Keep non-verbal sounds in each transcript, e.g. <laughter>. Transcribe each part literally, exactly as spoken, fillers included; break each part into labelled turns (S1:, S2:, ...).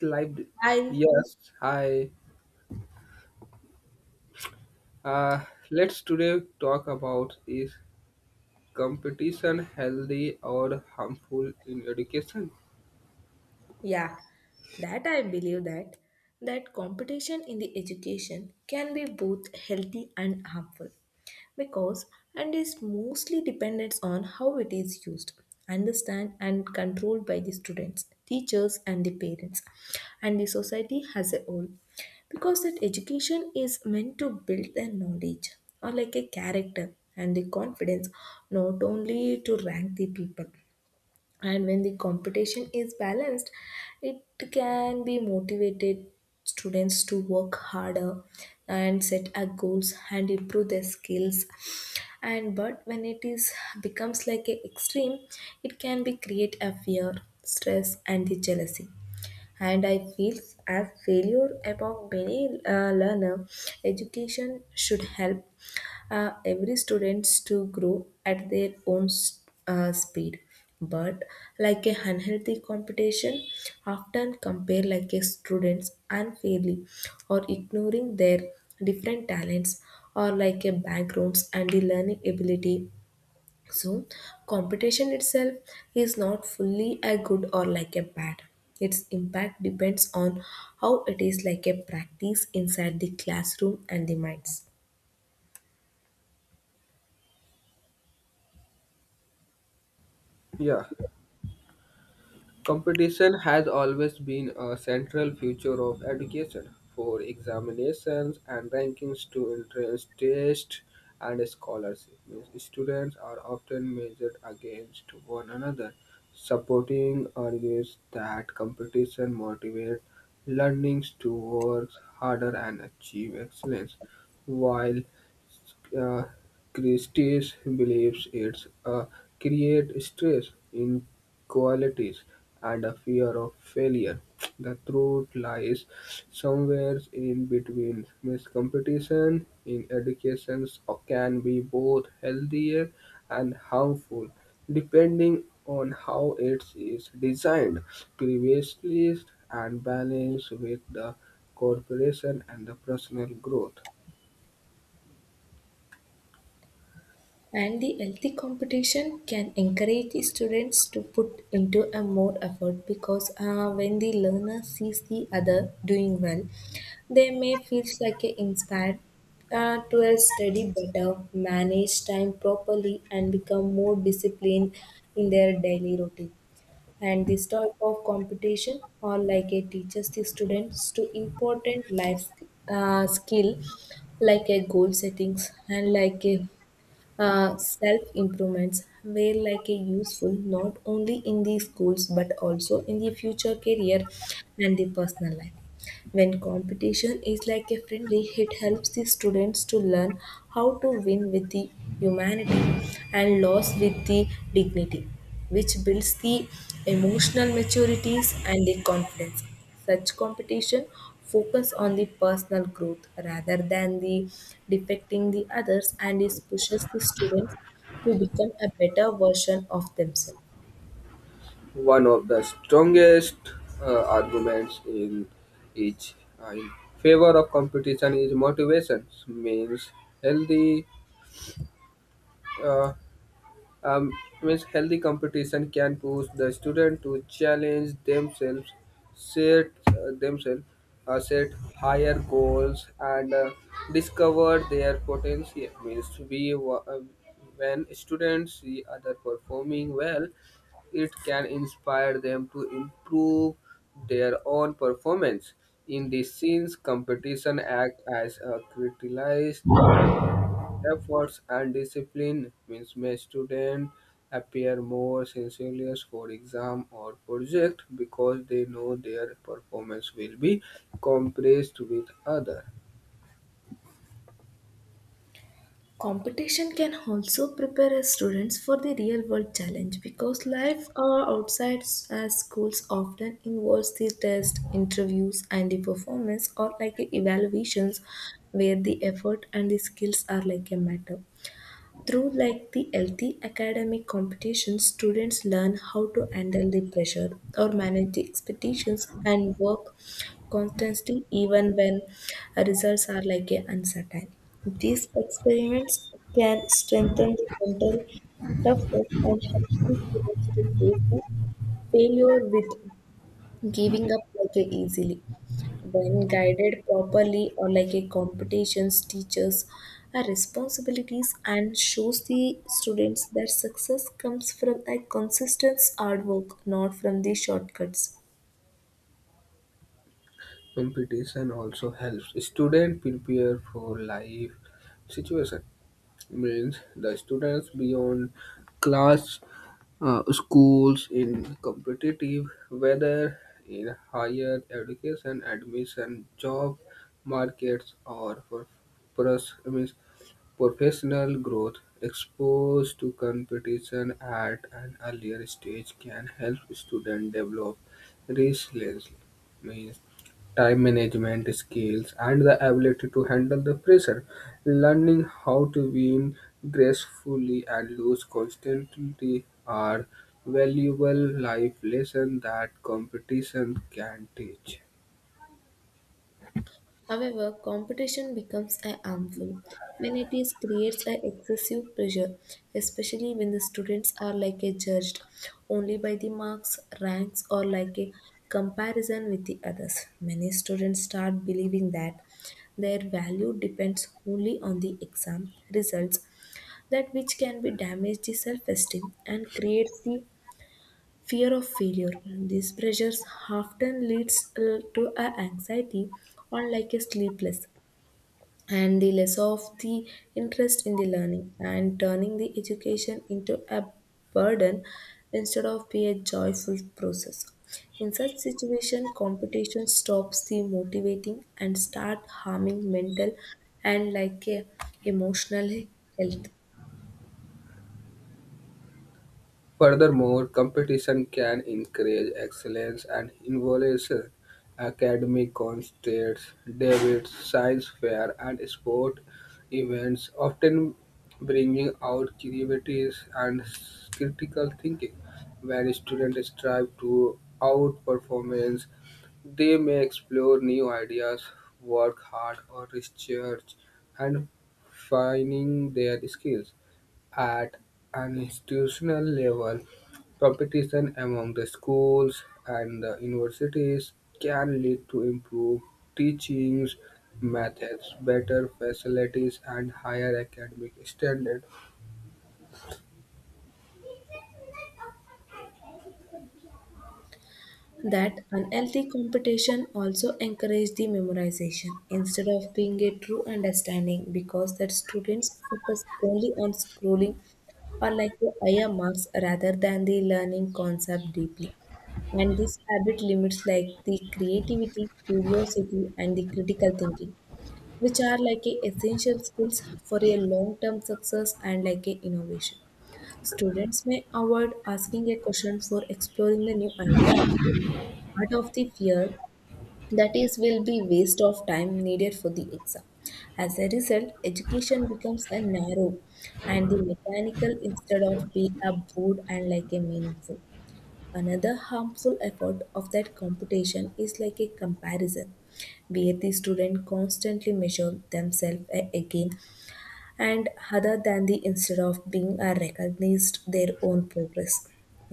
S1: Lived.
S2: I,
S1: Yes, hi. Uh, let's today talk about is competition healthy or harmful in education?
S2: yeah, that I believe that that competition in the education can be both healthy and harmful because and is mostly dependent on how it is used, understand and controlled by the students, teachers and the parents and the society as a whole. Because that education is meant to build their knowledge or like a character and the confidence, not only to rank the people. And when the competition is balanced, it can be motivated students to work harder and set a goals and improve their skills. And but when it is becomes like a extreme, it can be create a fear, stress and the jealousy, and I feel as failure among many uh, learner. Education should help uh, every students to grow at their own uh, speed. But like a unhealthy competition, often compare like a students unfairly or ignoring their different talents or like a backgrounds and the learning ability. So, competition itself is not fully a good or like a bad. Its impact depends on how it is like a practice inside the classroom and the minds.
S1: Yeah. Competition has always been a central feature of education, for examinations and rankings to entrance tests and scholarship. Means students are often measured against one another. Supporting argues that competition motivates learnings to work harder and achieve excellence, while uh, Christie's believes it's uh, create stress, inequalities, and a fear of failure. The truth lies somewhere in between. Miss competition in education can be both healthier and harmful, depending on how it is designed. Previously and balanced with the corporation and the personal growth.
S2: And the healthy competition can encourage the students to put into a more effort because uh, when the learner sees the other doing well, they may feel like a inspired uh, to a study better, manage time properly, and become more disciplined in their daily routine. And this type of competition or like a teaches the students to important life uh, skill like a goal settings and like a uh, self improvements were like a useful not only in the schools but also in the future career and the personal life. When competition is like a friendly, it helps the students to learn how to win with the humanity and loss with the dignity, which builds the emotional maturities and the confidence. Such competition focus on the personal growth rather than the defecting the others, and it pushes the students to become a better version of themselves.
S1: One of the strongest uh, arguments in each uh, in favor of competition is motivations means healthy uh, um, means healthy competition can push the student to challenge themselves, set uh, themselves, uh, set higher goals, and uh, discover their potential. Means we wa- uh, when students see other performing well, it can inspire them to improve their own performance. In this sense, competition act as a catalyst efforts and discipline means may student appear more sincere for exam or project because they know their performance will be compared with other
S2: Competition can also prepare us students for the real world challenge because life uh, outside s- uh, schools often involves the test interviews and the performance or like evaluations, where the effort and the skills are like a matter. Through like the healthy academic competition, students learn how to handle the pressure or manage the expectations and work constantly even when results are like a uncertain. These experiments can strengthen the mental toughness and help the students to face the failure with giving up like a easily. When guided properly or like a competitions, teachers are responsibilities and shows the students that success comes from a consistent hard work, not from the shortcuts.
S1: competition also helps student prepare for life situation means the students beyond class uh, schools in competitive whether in higher education admission job markets or for pros- I mean, professional growth exposed to competition at an earlier stage can help students develop resilience time management skills, and the ability to handle the pressure. Learning how to win gracefully and lose constantly are valuable life lessons that competition can teach.
S2: However, competition becomes a harmful when it is creates a excessive pressure, especially when the students are like a judged only by the marks, ranks, or like a comparison with the others. Many students start believing that their value depends only on the exam results, that which can be damage the self-esteem and creates the fear of failure. These pressures often leads uh, to a anxiety or like a sleepless and the less of the interest in the learning, and turning the education into a burden instead of be a joyful process. In such situation, competition stops the motivating and start harming mental and like a emotional health.
S1: Furthermore, competition can encourage excellence and involves academic contests, debates, science fair, and sport events often bringing out creativity and critical thinking. When students strive to outperformance, they may explore new ideas, work hard, or research, and finding their skills. At an institutional level, competition among the schools and the universities can lead to improved teachings methods, better facilities, and higher academic standards.
S2: That unhealthy competition also encouraged the memorization instead of being a true understanding because that students focus only on scrolling or like the higher marks rather than the learning concept deeply. And this habit limits like the creativity, curiosity, and the critical thinking, which are like a essential skills for a long-term success and like a innovation. Students may avoid asking a question for exploring the new idea part of the fear that is will be waste of time needed for the exam. As a result, education becomes a narrow and the mechanical instead of being a broad and like a meaningful. Another harmful effort of that competition is like a comparison, where the student constantly measure themselves a- against and other than the instead of being are recognized their own progress.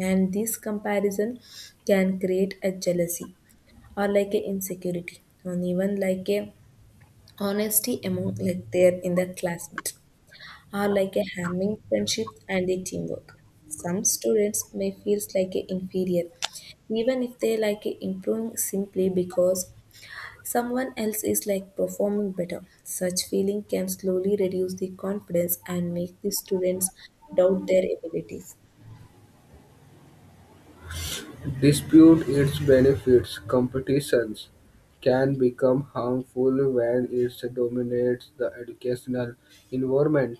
S2: And this comparison can create a jealousy or like a insecurity and even like a honesty among like their in the classmates or like a harming friendship and a teamwork. Some students may feel like a inferior even if they like a improving simply because someone else is like performing better. Such feeling can slowly reduce the confidence and make the students doubt their abilities.
S1: Dispute its benefits. Competitions can become harmful when it dominates the educational environment.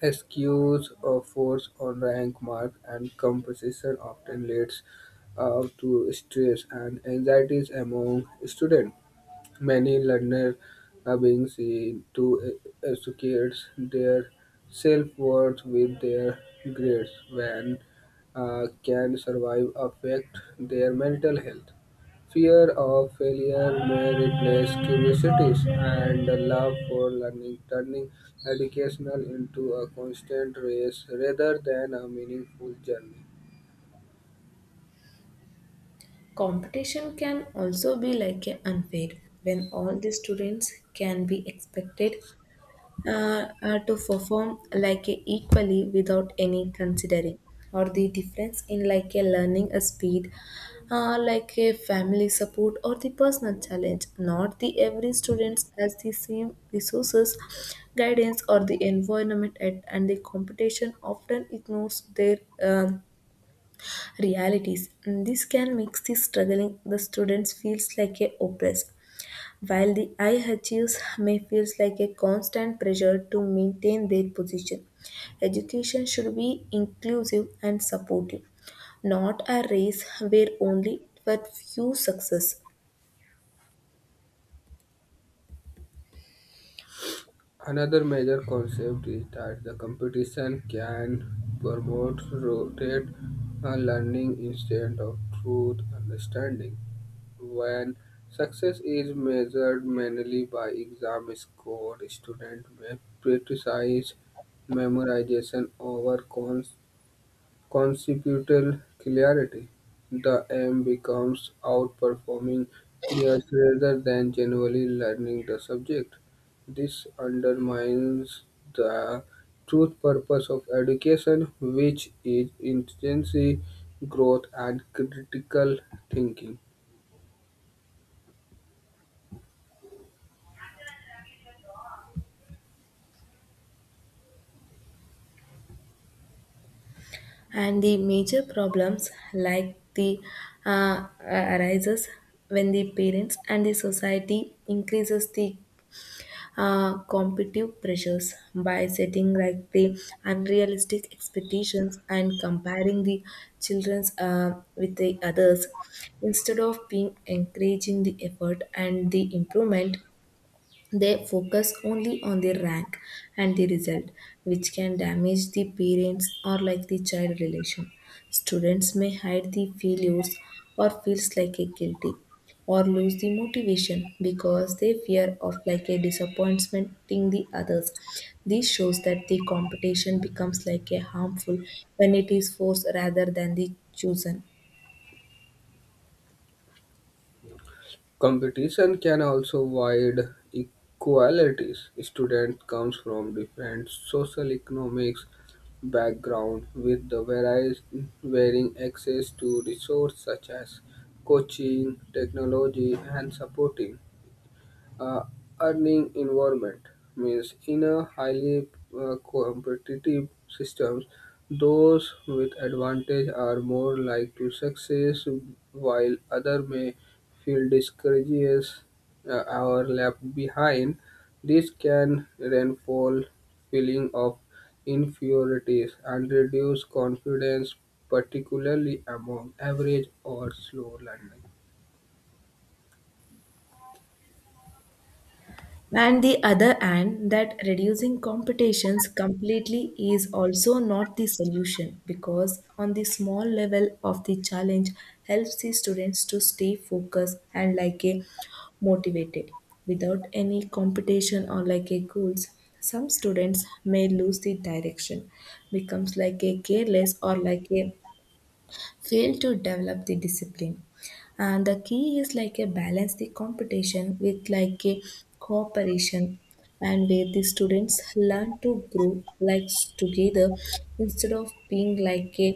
S1: Excuse a force on rank mark and composition often leads uh, to stress and anxieties among students. Many learners are being seen to associate their self-worth with their grades, when uh, can survive affect their mental health. Fear of failure may replace curiosities and the love for learning, turning educational into a constant race rather than a meaningful journey.
S2: Competition can also be like a unfair when all the students can be expected uh, uh, to perform like a equally without any considering or the difference in like a learning a speed, uh, like a family support or the personal challenge. Not the every students has the same resources, guidance or the environment at, and the competition often ignores their um, realities. And this can make the struggling the students feels like a oppressed, while the I H Us may feel like a constant pressure to maintain their position. Education should be inclusive and supportive, not a race where only but few success.
S1: Another major concept is that the competition can promote rote uh, learning instead of truth understanding. When success is measured mainly by exam score, students may prioritize memorization over con- conceptual clarity, the aim becomes outperforming peers rather than genuinely learning the subject. This undermines the true purpose of education, which is intensity, growth, and critical thinking.
S2: And the major problems like the uh, uh, arises when the parents and the society increases the uh, competitive pressures by setting like the unrealistic expectations and comparing the children's uh, with the others, instead of being encouraging the effort and the improvement. They focus only on the rank and the result, which can damage the parents or like the child relation. Students may hide the failures or feels like a guilty or lose the motivation because they fear of like a disappointing the others. This shows that the competition becomes like a harmful when it is forced rather than the chosen.
S1: Competition can also wide equalities. Student comes from different social economics background with the various varying access to resources such as coaching, technology and supporting uh, earning environment means in a highly uh, competitive systems those with advantage are more likely to success while other may feel discouraged uh, or left behind. This can reinforce feeling of inferiorities and reduce confidence, particularly among average or slow learners.
S2: And the other hand, that reducing competitions completely is also not the solution because, on the small level of the challenge, helps the students to stay focused and like a motivated. Without any competition or like a goals, some students may lose the direction, becomes like a careless or like a fail to develop the discipline. And the key is like a balance the competition with like a cooperation, and where the students learn to grow like together instead of being like a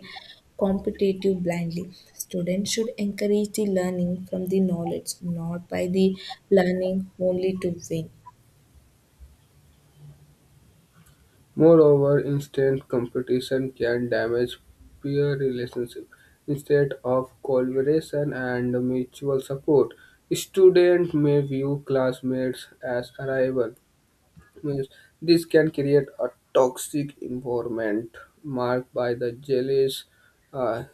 S2: competitive blindly. Students should encourage the learning from the knowledge, not by the learning only to win.
S1: Moreover, instant competition can damage peer relationships. Instead of collaboration and mutual support, students may view classmates as rivals. Means this can create a toxic environment marked by the jealous, uh,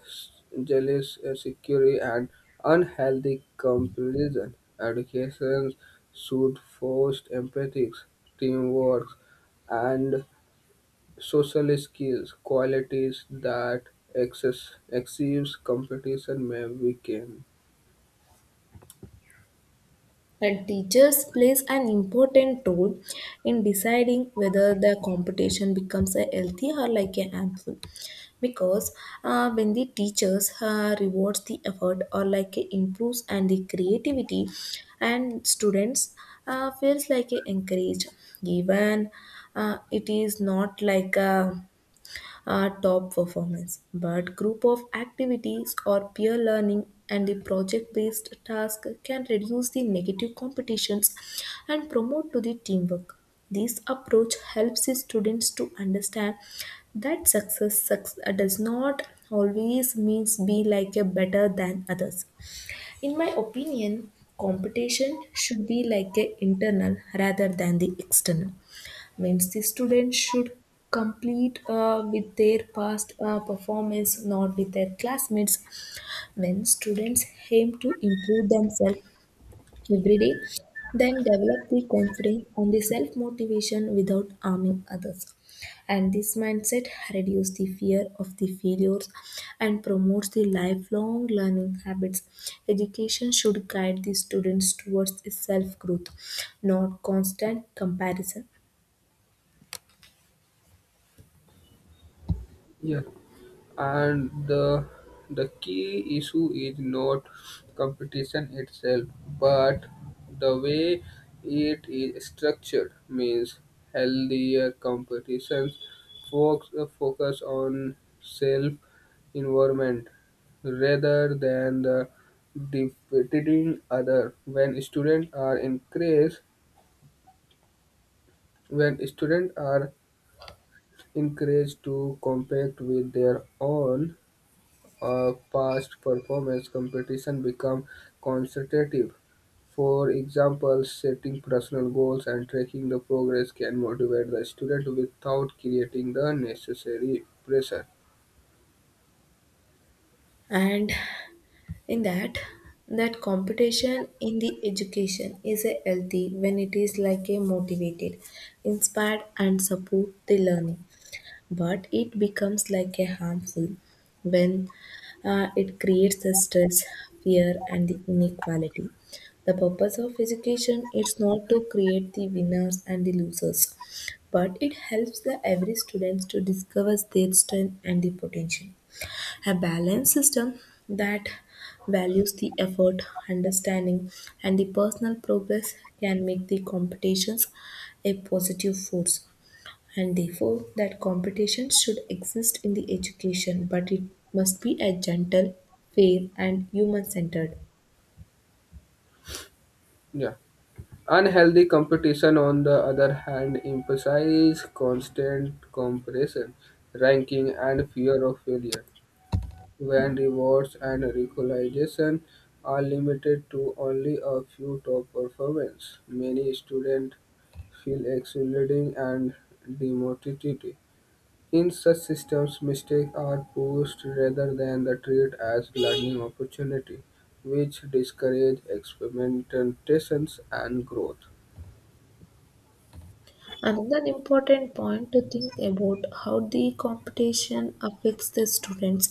S1: jealous, uh, security, and unhealthy comparison. Education should foster empathy, teamwork, and social skills, qualities that excess, excessive competition may weaken.
S2: And teachers plays an important role in deciding whether the competition becomes a healthy or like a harmful. Because uh, when the teachers uh, rewards the effort or like a improves and the creativity, and students uh, feels like a encouraged. Even uh, it is not like a are top performance, but group of activities or peer learning and the project-based task can reduce the negative competitions and promote to the teamwork. This approach helps the students to understand that success, suc- does not always means be like a better than others. In my opinion, competition should be like a internal rather than the external. Means the students should complete uh, with their past uh, performance, not with their classmates. When students aim to improve themselves every day, then develop the confidence on the self motivation without harming others. And this mindset reduces the fear of the failures and promotes the lifelong learning habits. Education should guide the students towards self growth, not constant comparison.
S1: Yeah. And the the key issue is not competition itself, but the way it is structured means healthier competitions focus, focus on self environment rather than the defeating other. When students are encouraged When students are encouraged to compete with their own uh, past performance, competition becomes constructive. For example, setting personal goals and tracking the progress can motivate the student without creating the necessary pressure.
S2: And in that, that competition in the education is a healthy when it is like a motivated, inspired and support the learning. But it becomes like a harmful when uh, it creates the stress, fear and the inequality. The purpose of education is not to create the winners and the losers, but it helps the every students to discover their strength and the potential. A balanced system that values the effort, understanding, and the personal progress can make the competitions a positive force. And therefore that competition should exist in the education, but it must be a gentle, fair and human centered.
S1: Yeah. Unhealthy competition, on the other hand, emphasizes constant comparison, ranking, and fear of failure. When rewards and recognition are limited to only a few top performers, many students feel excluded and demotivated. In such systems, mistakes are pushed rather than the treated as learning opportunity, which discourage experimentations and growth.
S2: Another important point to think about how the competition affects the students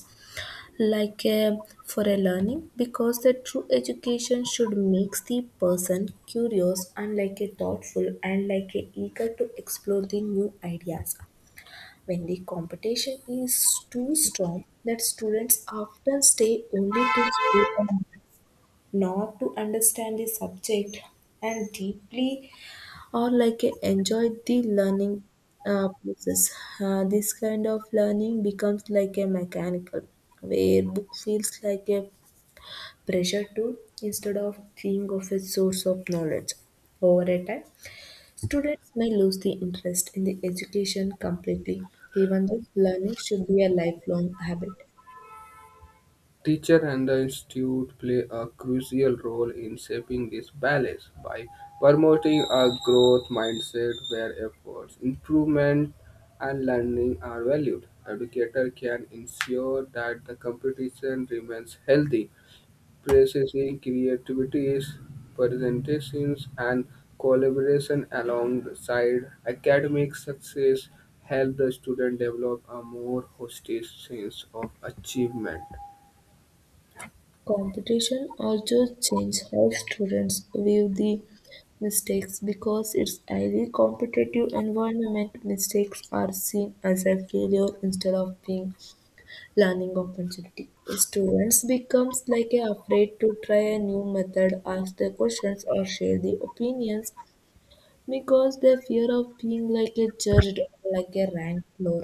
S2: like uh, for a learning, because the true education should makes the person curious and like a thoughtful and like a eager to explore the new ideas. When the competition is too strong, that students often stay only to play and not to understand the subject and deeply or like uh, enjoy the learning uh, process. Uh, this kind of learning becomes like a mechanical, where book feels like a pressure tool instead of being of a source of knowledge. Over a time, students may lose the interest in the education completely, even though learning should be a lifelong habit.
S1: Teacher and the institute play a crucial role in shaping this balance by promoting a growth mindset where efforts, improvement, and learning are valued. Educator can ensure that the competition remains healthy, practicing creativity, presentations, and collaboration alongside academic success help the student develop a more holistic sense of achievement.
S2: Competition also changes how students view the mistakes because it's highly competitive environment mistakes are seen as a failure instead of being learning opportunity. Students becomes like a afraid to try a new method, ask the questions or share the opinions, because the fear of being like a judged or like a ranked floor.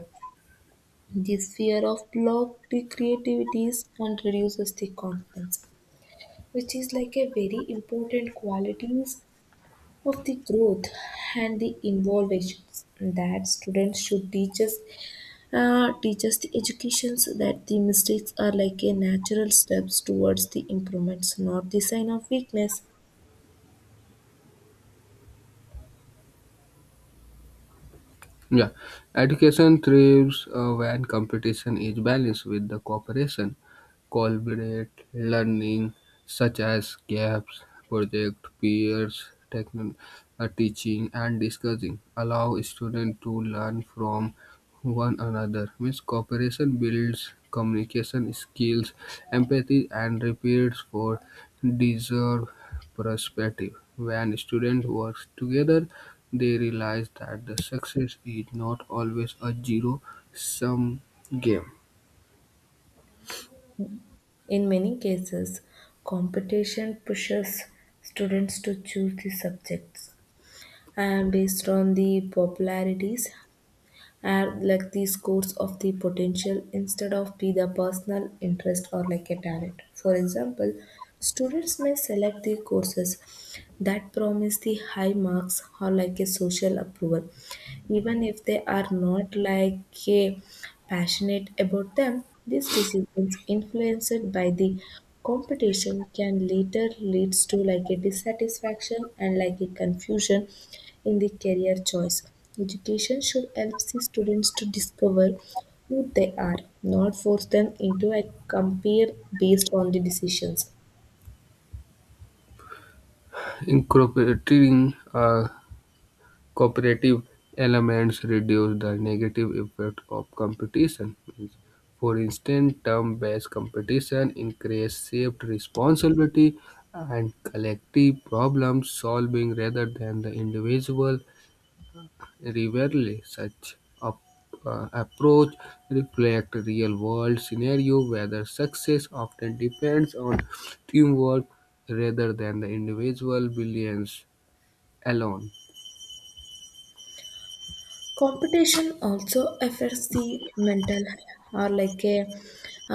S2: This fear of block the creativities and reduces the confidence, which is like a very important qualities of the growth and the innovations that students should teach us uh, teach us the educations that the mistakes are like a natural steps towards the improvements, not the sign of weakness.
S1: Yeah, education thrives uh, when competition is balanced with the cooperation. Collaborate learning, such as gaps, project, peers, techno- uh, teaching, and discussing, allow students to learn from one another. Means cooperation builds communication skills, empathy, and repeats for deserved perspective. When students work together, they realize that the success is not always a zero-sum game.
S2: In many cases, competition pushes students to choose the subjects and based on the popularities and like the scores of the potential instead of be the personal interest or like a talent. For example, students may select the courses that promise the high marks or like a social approval even if they are not like a passionate about them. These decisions influenced by the competition can later leads to like a dissatisfaction and like a confusion in the career choice. Education should help the students to discover who they are, not force them into a compare based on the decisions.
S1: Incorporating uh, cooperative elements reduce the negative effect of competition. Means, for instance, term-based competition increases shared responsibility and collective problem solving rather than the individual. Rarely such op- uh, approach reflect real-world scenario, where success often depends on teamwork rather than the individual brilliance alone.
S2: Competition also affects the mental or like a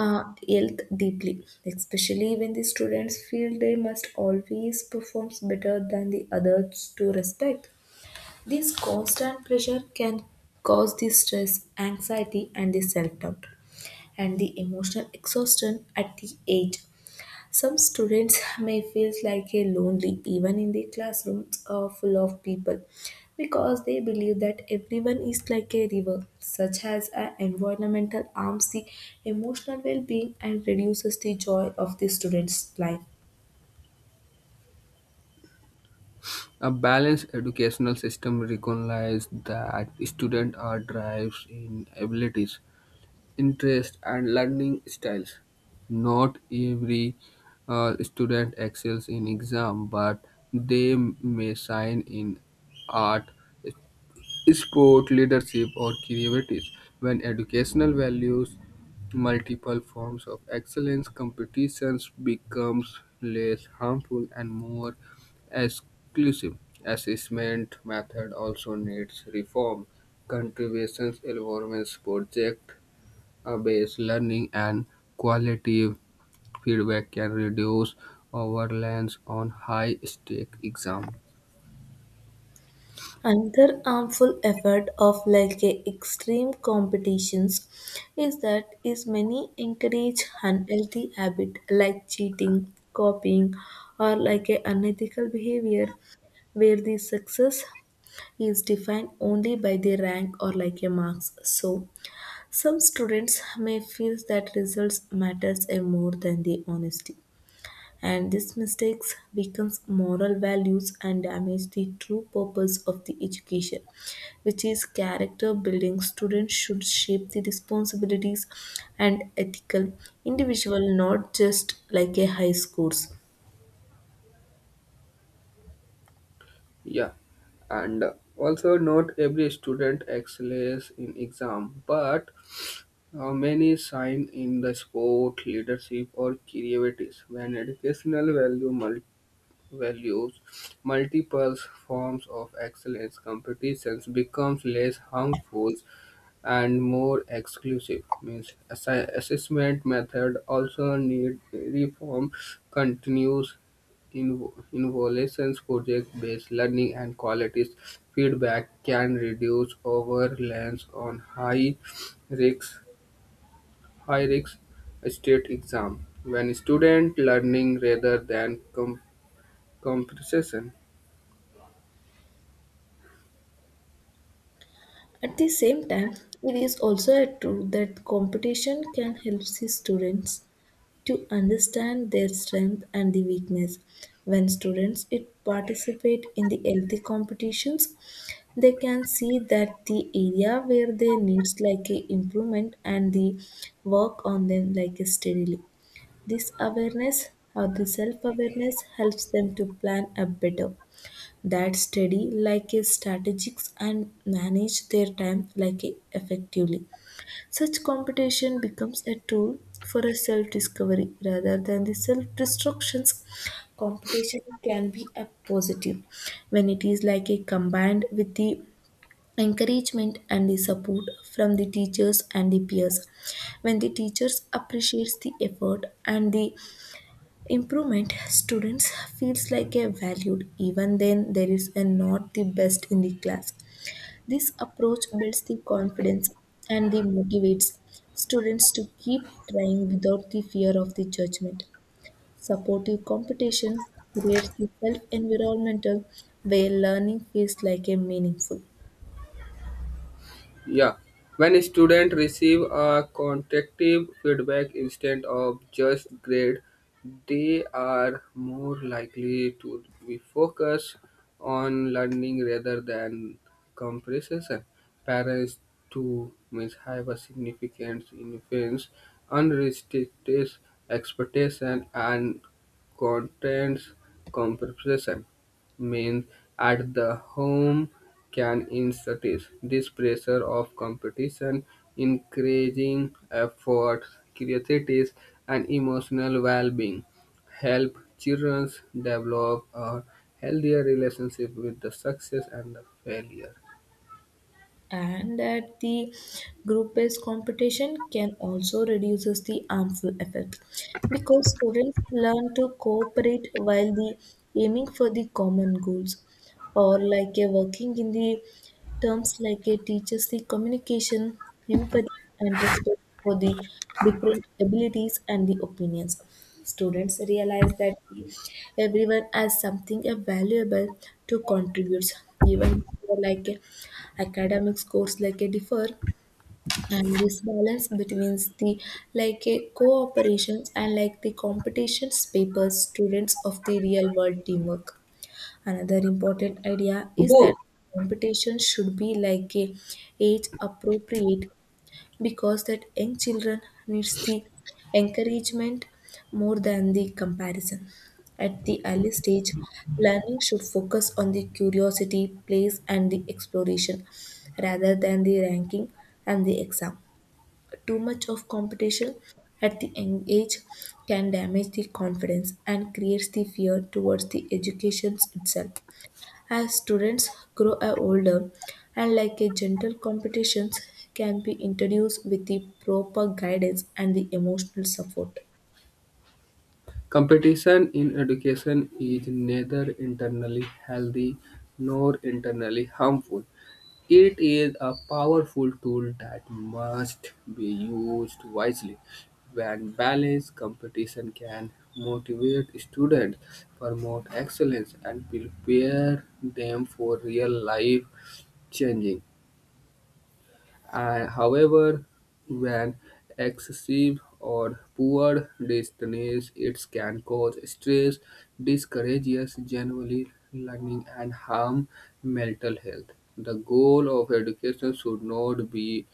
S2: uh, health deeply, especially when the students feel they must always perform better than the others to respect. This constant pressure can cause the stress, anxiety, and the self doubt, and the emotional exhaustion at the age. Some students <laughs> may feel like a lonely even in the classrooms are full of people because they believe that everyone is like a river, such as an environmental harms the emotional well-being and reduces the joy of the student's life.
S1: A balanced educational system recognizes that students are drives in abilities, interests, and learning styles. Not every uh, student excels in exam, but they may shine in art, sport, leadership, or creativities. When educational values multiple forms of excellence, competitions becomes less harmful and more exclusive. Assessment method also needs reform. Contributions, environments, project based learning, and qualitative feedback can reduce overlaps on high stake exams.
S2: Another harmful effect of like a extreme competitions is that is many encourage unhealthy habit like cheating, copying, or like a unethical behavior where the success is defined only by the rank or like a marks. So some students may feel that results matters a more than the honesty, and these mistakes weakens moral values and damage the true purpose of the education, which is character building. Students should shape the responsibilities and ethical individual, not just like a high scores.
S1: Yeah, and also not every student excels in exam, but uh, many shine in the sport, leadership, or creativities. When educational value mul- values multiple forms of excellence, competitions becomes less harmful and more exclusive means assi- assessment method also need reform continues invo- involutions project based learning and qualities feedback can reduce overreliance on high risk high risk state exam when student learning rather than com- compression.
S2: At the same time, it is also a truth that competition can help the students to understand their strength and the weakness. When students it participate in the healthy competitions, they can see that the area where they needs like a improvement and the work on them like a steadily. This awareness or the self awareness helps them to plan a better that study like a strategics and manage their time like a effectively. Such competition becomes a tool for a self discovery rather than the self destructions. Competition can be a positive when it is like a combined with the encouragement and the support from the teachers and the peers. When the teachers appreciates the effort and the improvement, students feels like a valued even then there is a not the best in the class. This approach builds the confidence and the motivates students to keep trying without the fear of the judgment. Supportive competition creates the self environmental where learning feels like a meaningful.
S1: Yeah, when students receive a constructive feedback instead of just grade, they are more likely to be focused on learning rather than comparison. Parents too may have a significant influence unrestricted expectation and content comparison means at the home can incentivize this pressure of competition, encouraging effort, curiosity, and emotional well-being. Help children develop a healthier relationship with the success and the failure.
S2: And that the group-based competition can also reduces the harmful effect because students learn to cooperate while the aiming for the common goals or like a working in the terms like a teaches the communication, empathy, and respect for the different abilities and the opinions. Students realize that everyone has something valuable to contribute even if you are like a academic scores like a differ. And this balance between the like a cooperations and like the competitions papers students of the real world teamwork. Another important idea is
S1: Subodh,
S2: that competition should be like a age appropriate because that young children needs the encouragement more than the comparison. At the early stage, learning should focus on the curiosity plays and the exploration rather than the ranking and the exam. Too much of competition at the young age can damage the confidence and creates the fear towards the education itself. As students grow older, and like a gentle competitions can be introduced with the proper guidance and the emotional support.
S1: competition in education is neither internally healthy nor internally harmful. It is a powerful tool that must be used wisely. When balanced, competition can motivate students, promote excellence, and prepare them for real life changing. Uh, however, when excessive or poor distance, it can cause stress, discourages generally learning, and harm mental health. The goal of education should not be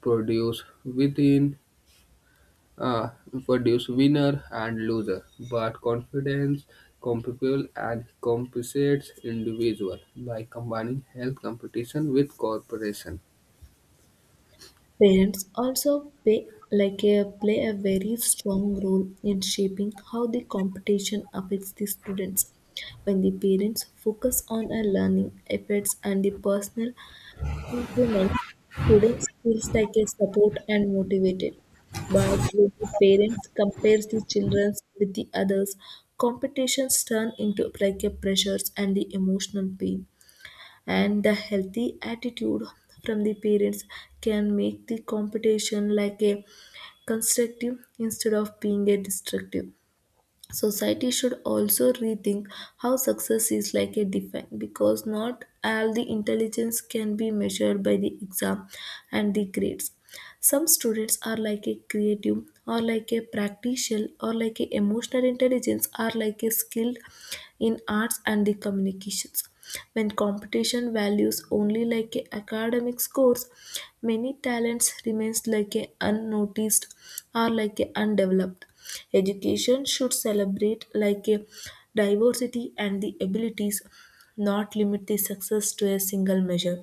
S1: produce within uh, produce winner and loser, but confidence, capable and compensates individual by combining health competition with cooperation.
S2: Parents also play like a play a very strong role in shaping how the competition affects the students. When the parents focus on a learning efforts and the personal improvement, students feels like a support and motivated. But when the parents compares the children with the others, competitions turn into like a pressures and the emotional pain. And the healthy attitude from the parents can make the competition like a constructive instead of being a destructive. Society should also rethink how success is like a defined because not all the intelligence can be measured by the exam and the grades. Some students are like a creative or like a practical or like a emotional intelligence or like a skilled in arts and the communications. When competition values only like a academic scores, many talents remains like a unnoticed or like a undeveloped. Education should celebrate like a diversity and the abilities, not limit the success to a single measure.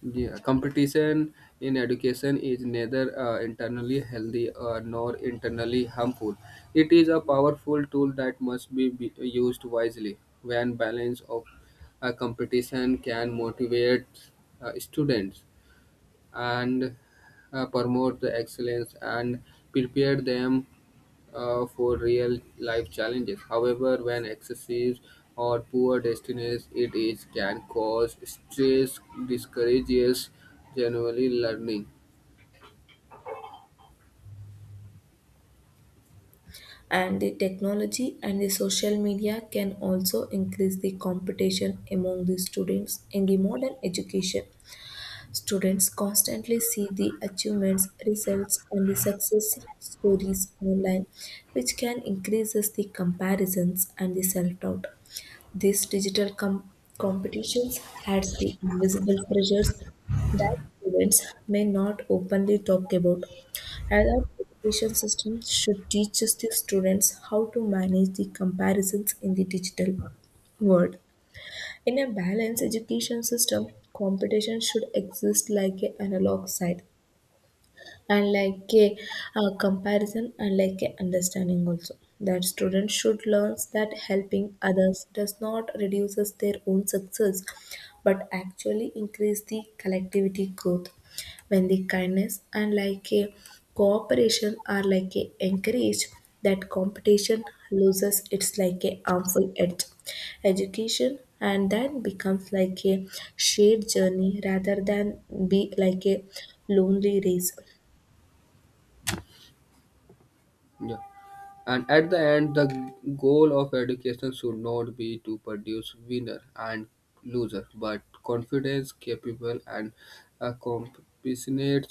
S1: Yeah, competition in education is neither uh, internally healthy uh, nor internally harmful. It is a powerful tool that must be, be used wisely. When balance of uh, competition can motivate uh, students and uh, promote the excellence and prepare them uh, for real life challenges. However, when excessive or poor destinies it is can cause stress, discourages generally learning.
S2: And the technology and the social media can also increase the competition among the students in the modern education. Students constantly see the achievements, results, and the success stories online, which can increases the comparisons and the self doubt. These digital com- competitions had the invisible pressures that students may not openly talk about. Adult education system should teach us the students how to manage the comparisons in the digital world. In a balanced education system, competition should exist like an analog side and like a, uh, comparison and like a understanding also, that students should learn that helping others does not reduces their own success but actually increase the collectivity growth. When the kindness and like a cooperation are like a encouraged, that competition loses its like a harmful edge. Education and then becomes like a shared journey rather than be like a lonely race.
S1: Yeah. And at the end, the goal of education should not be to produce winner and loser, but confidence, capable, and accomplished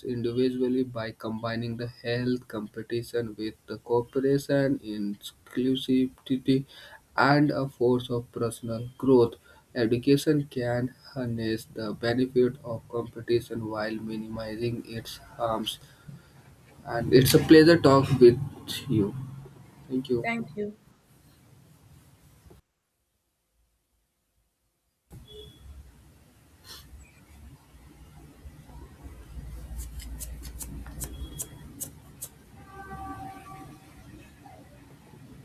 S1: individually by combining the health competition with the cooperation, inclusivity, and a force of personal growth. Education can harness the benefit of competition while minimizing its harms. And it's a pleasure talk with you. Thank you.
S2: Thank you.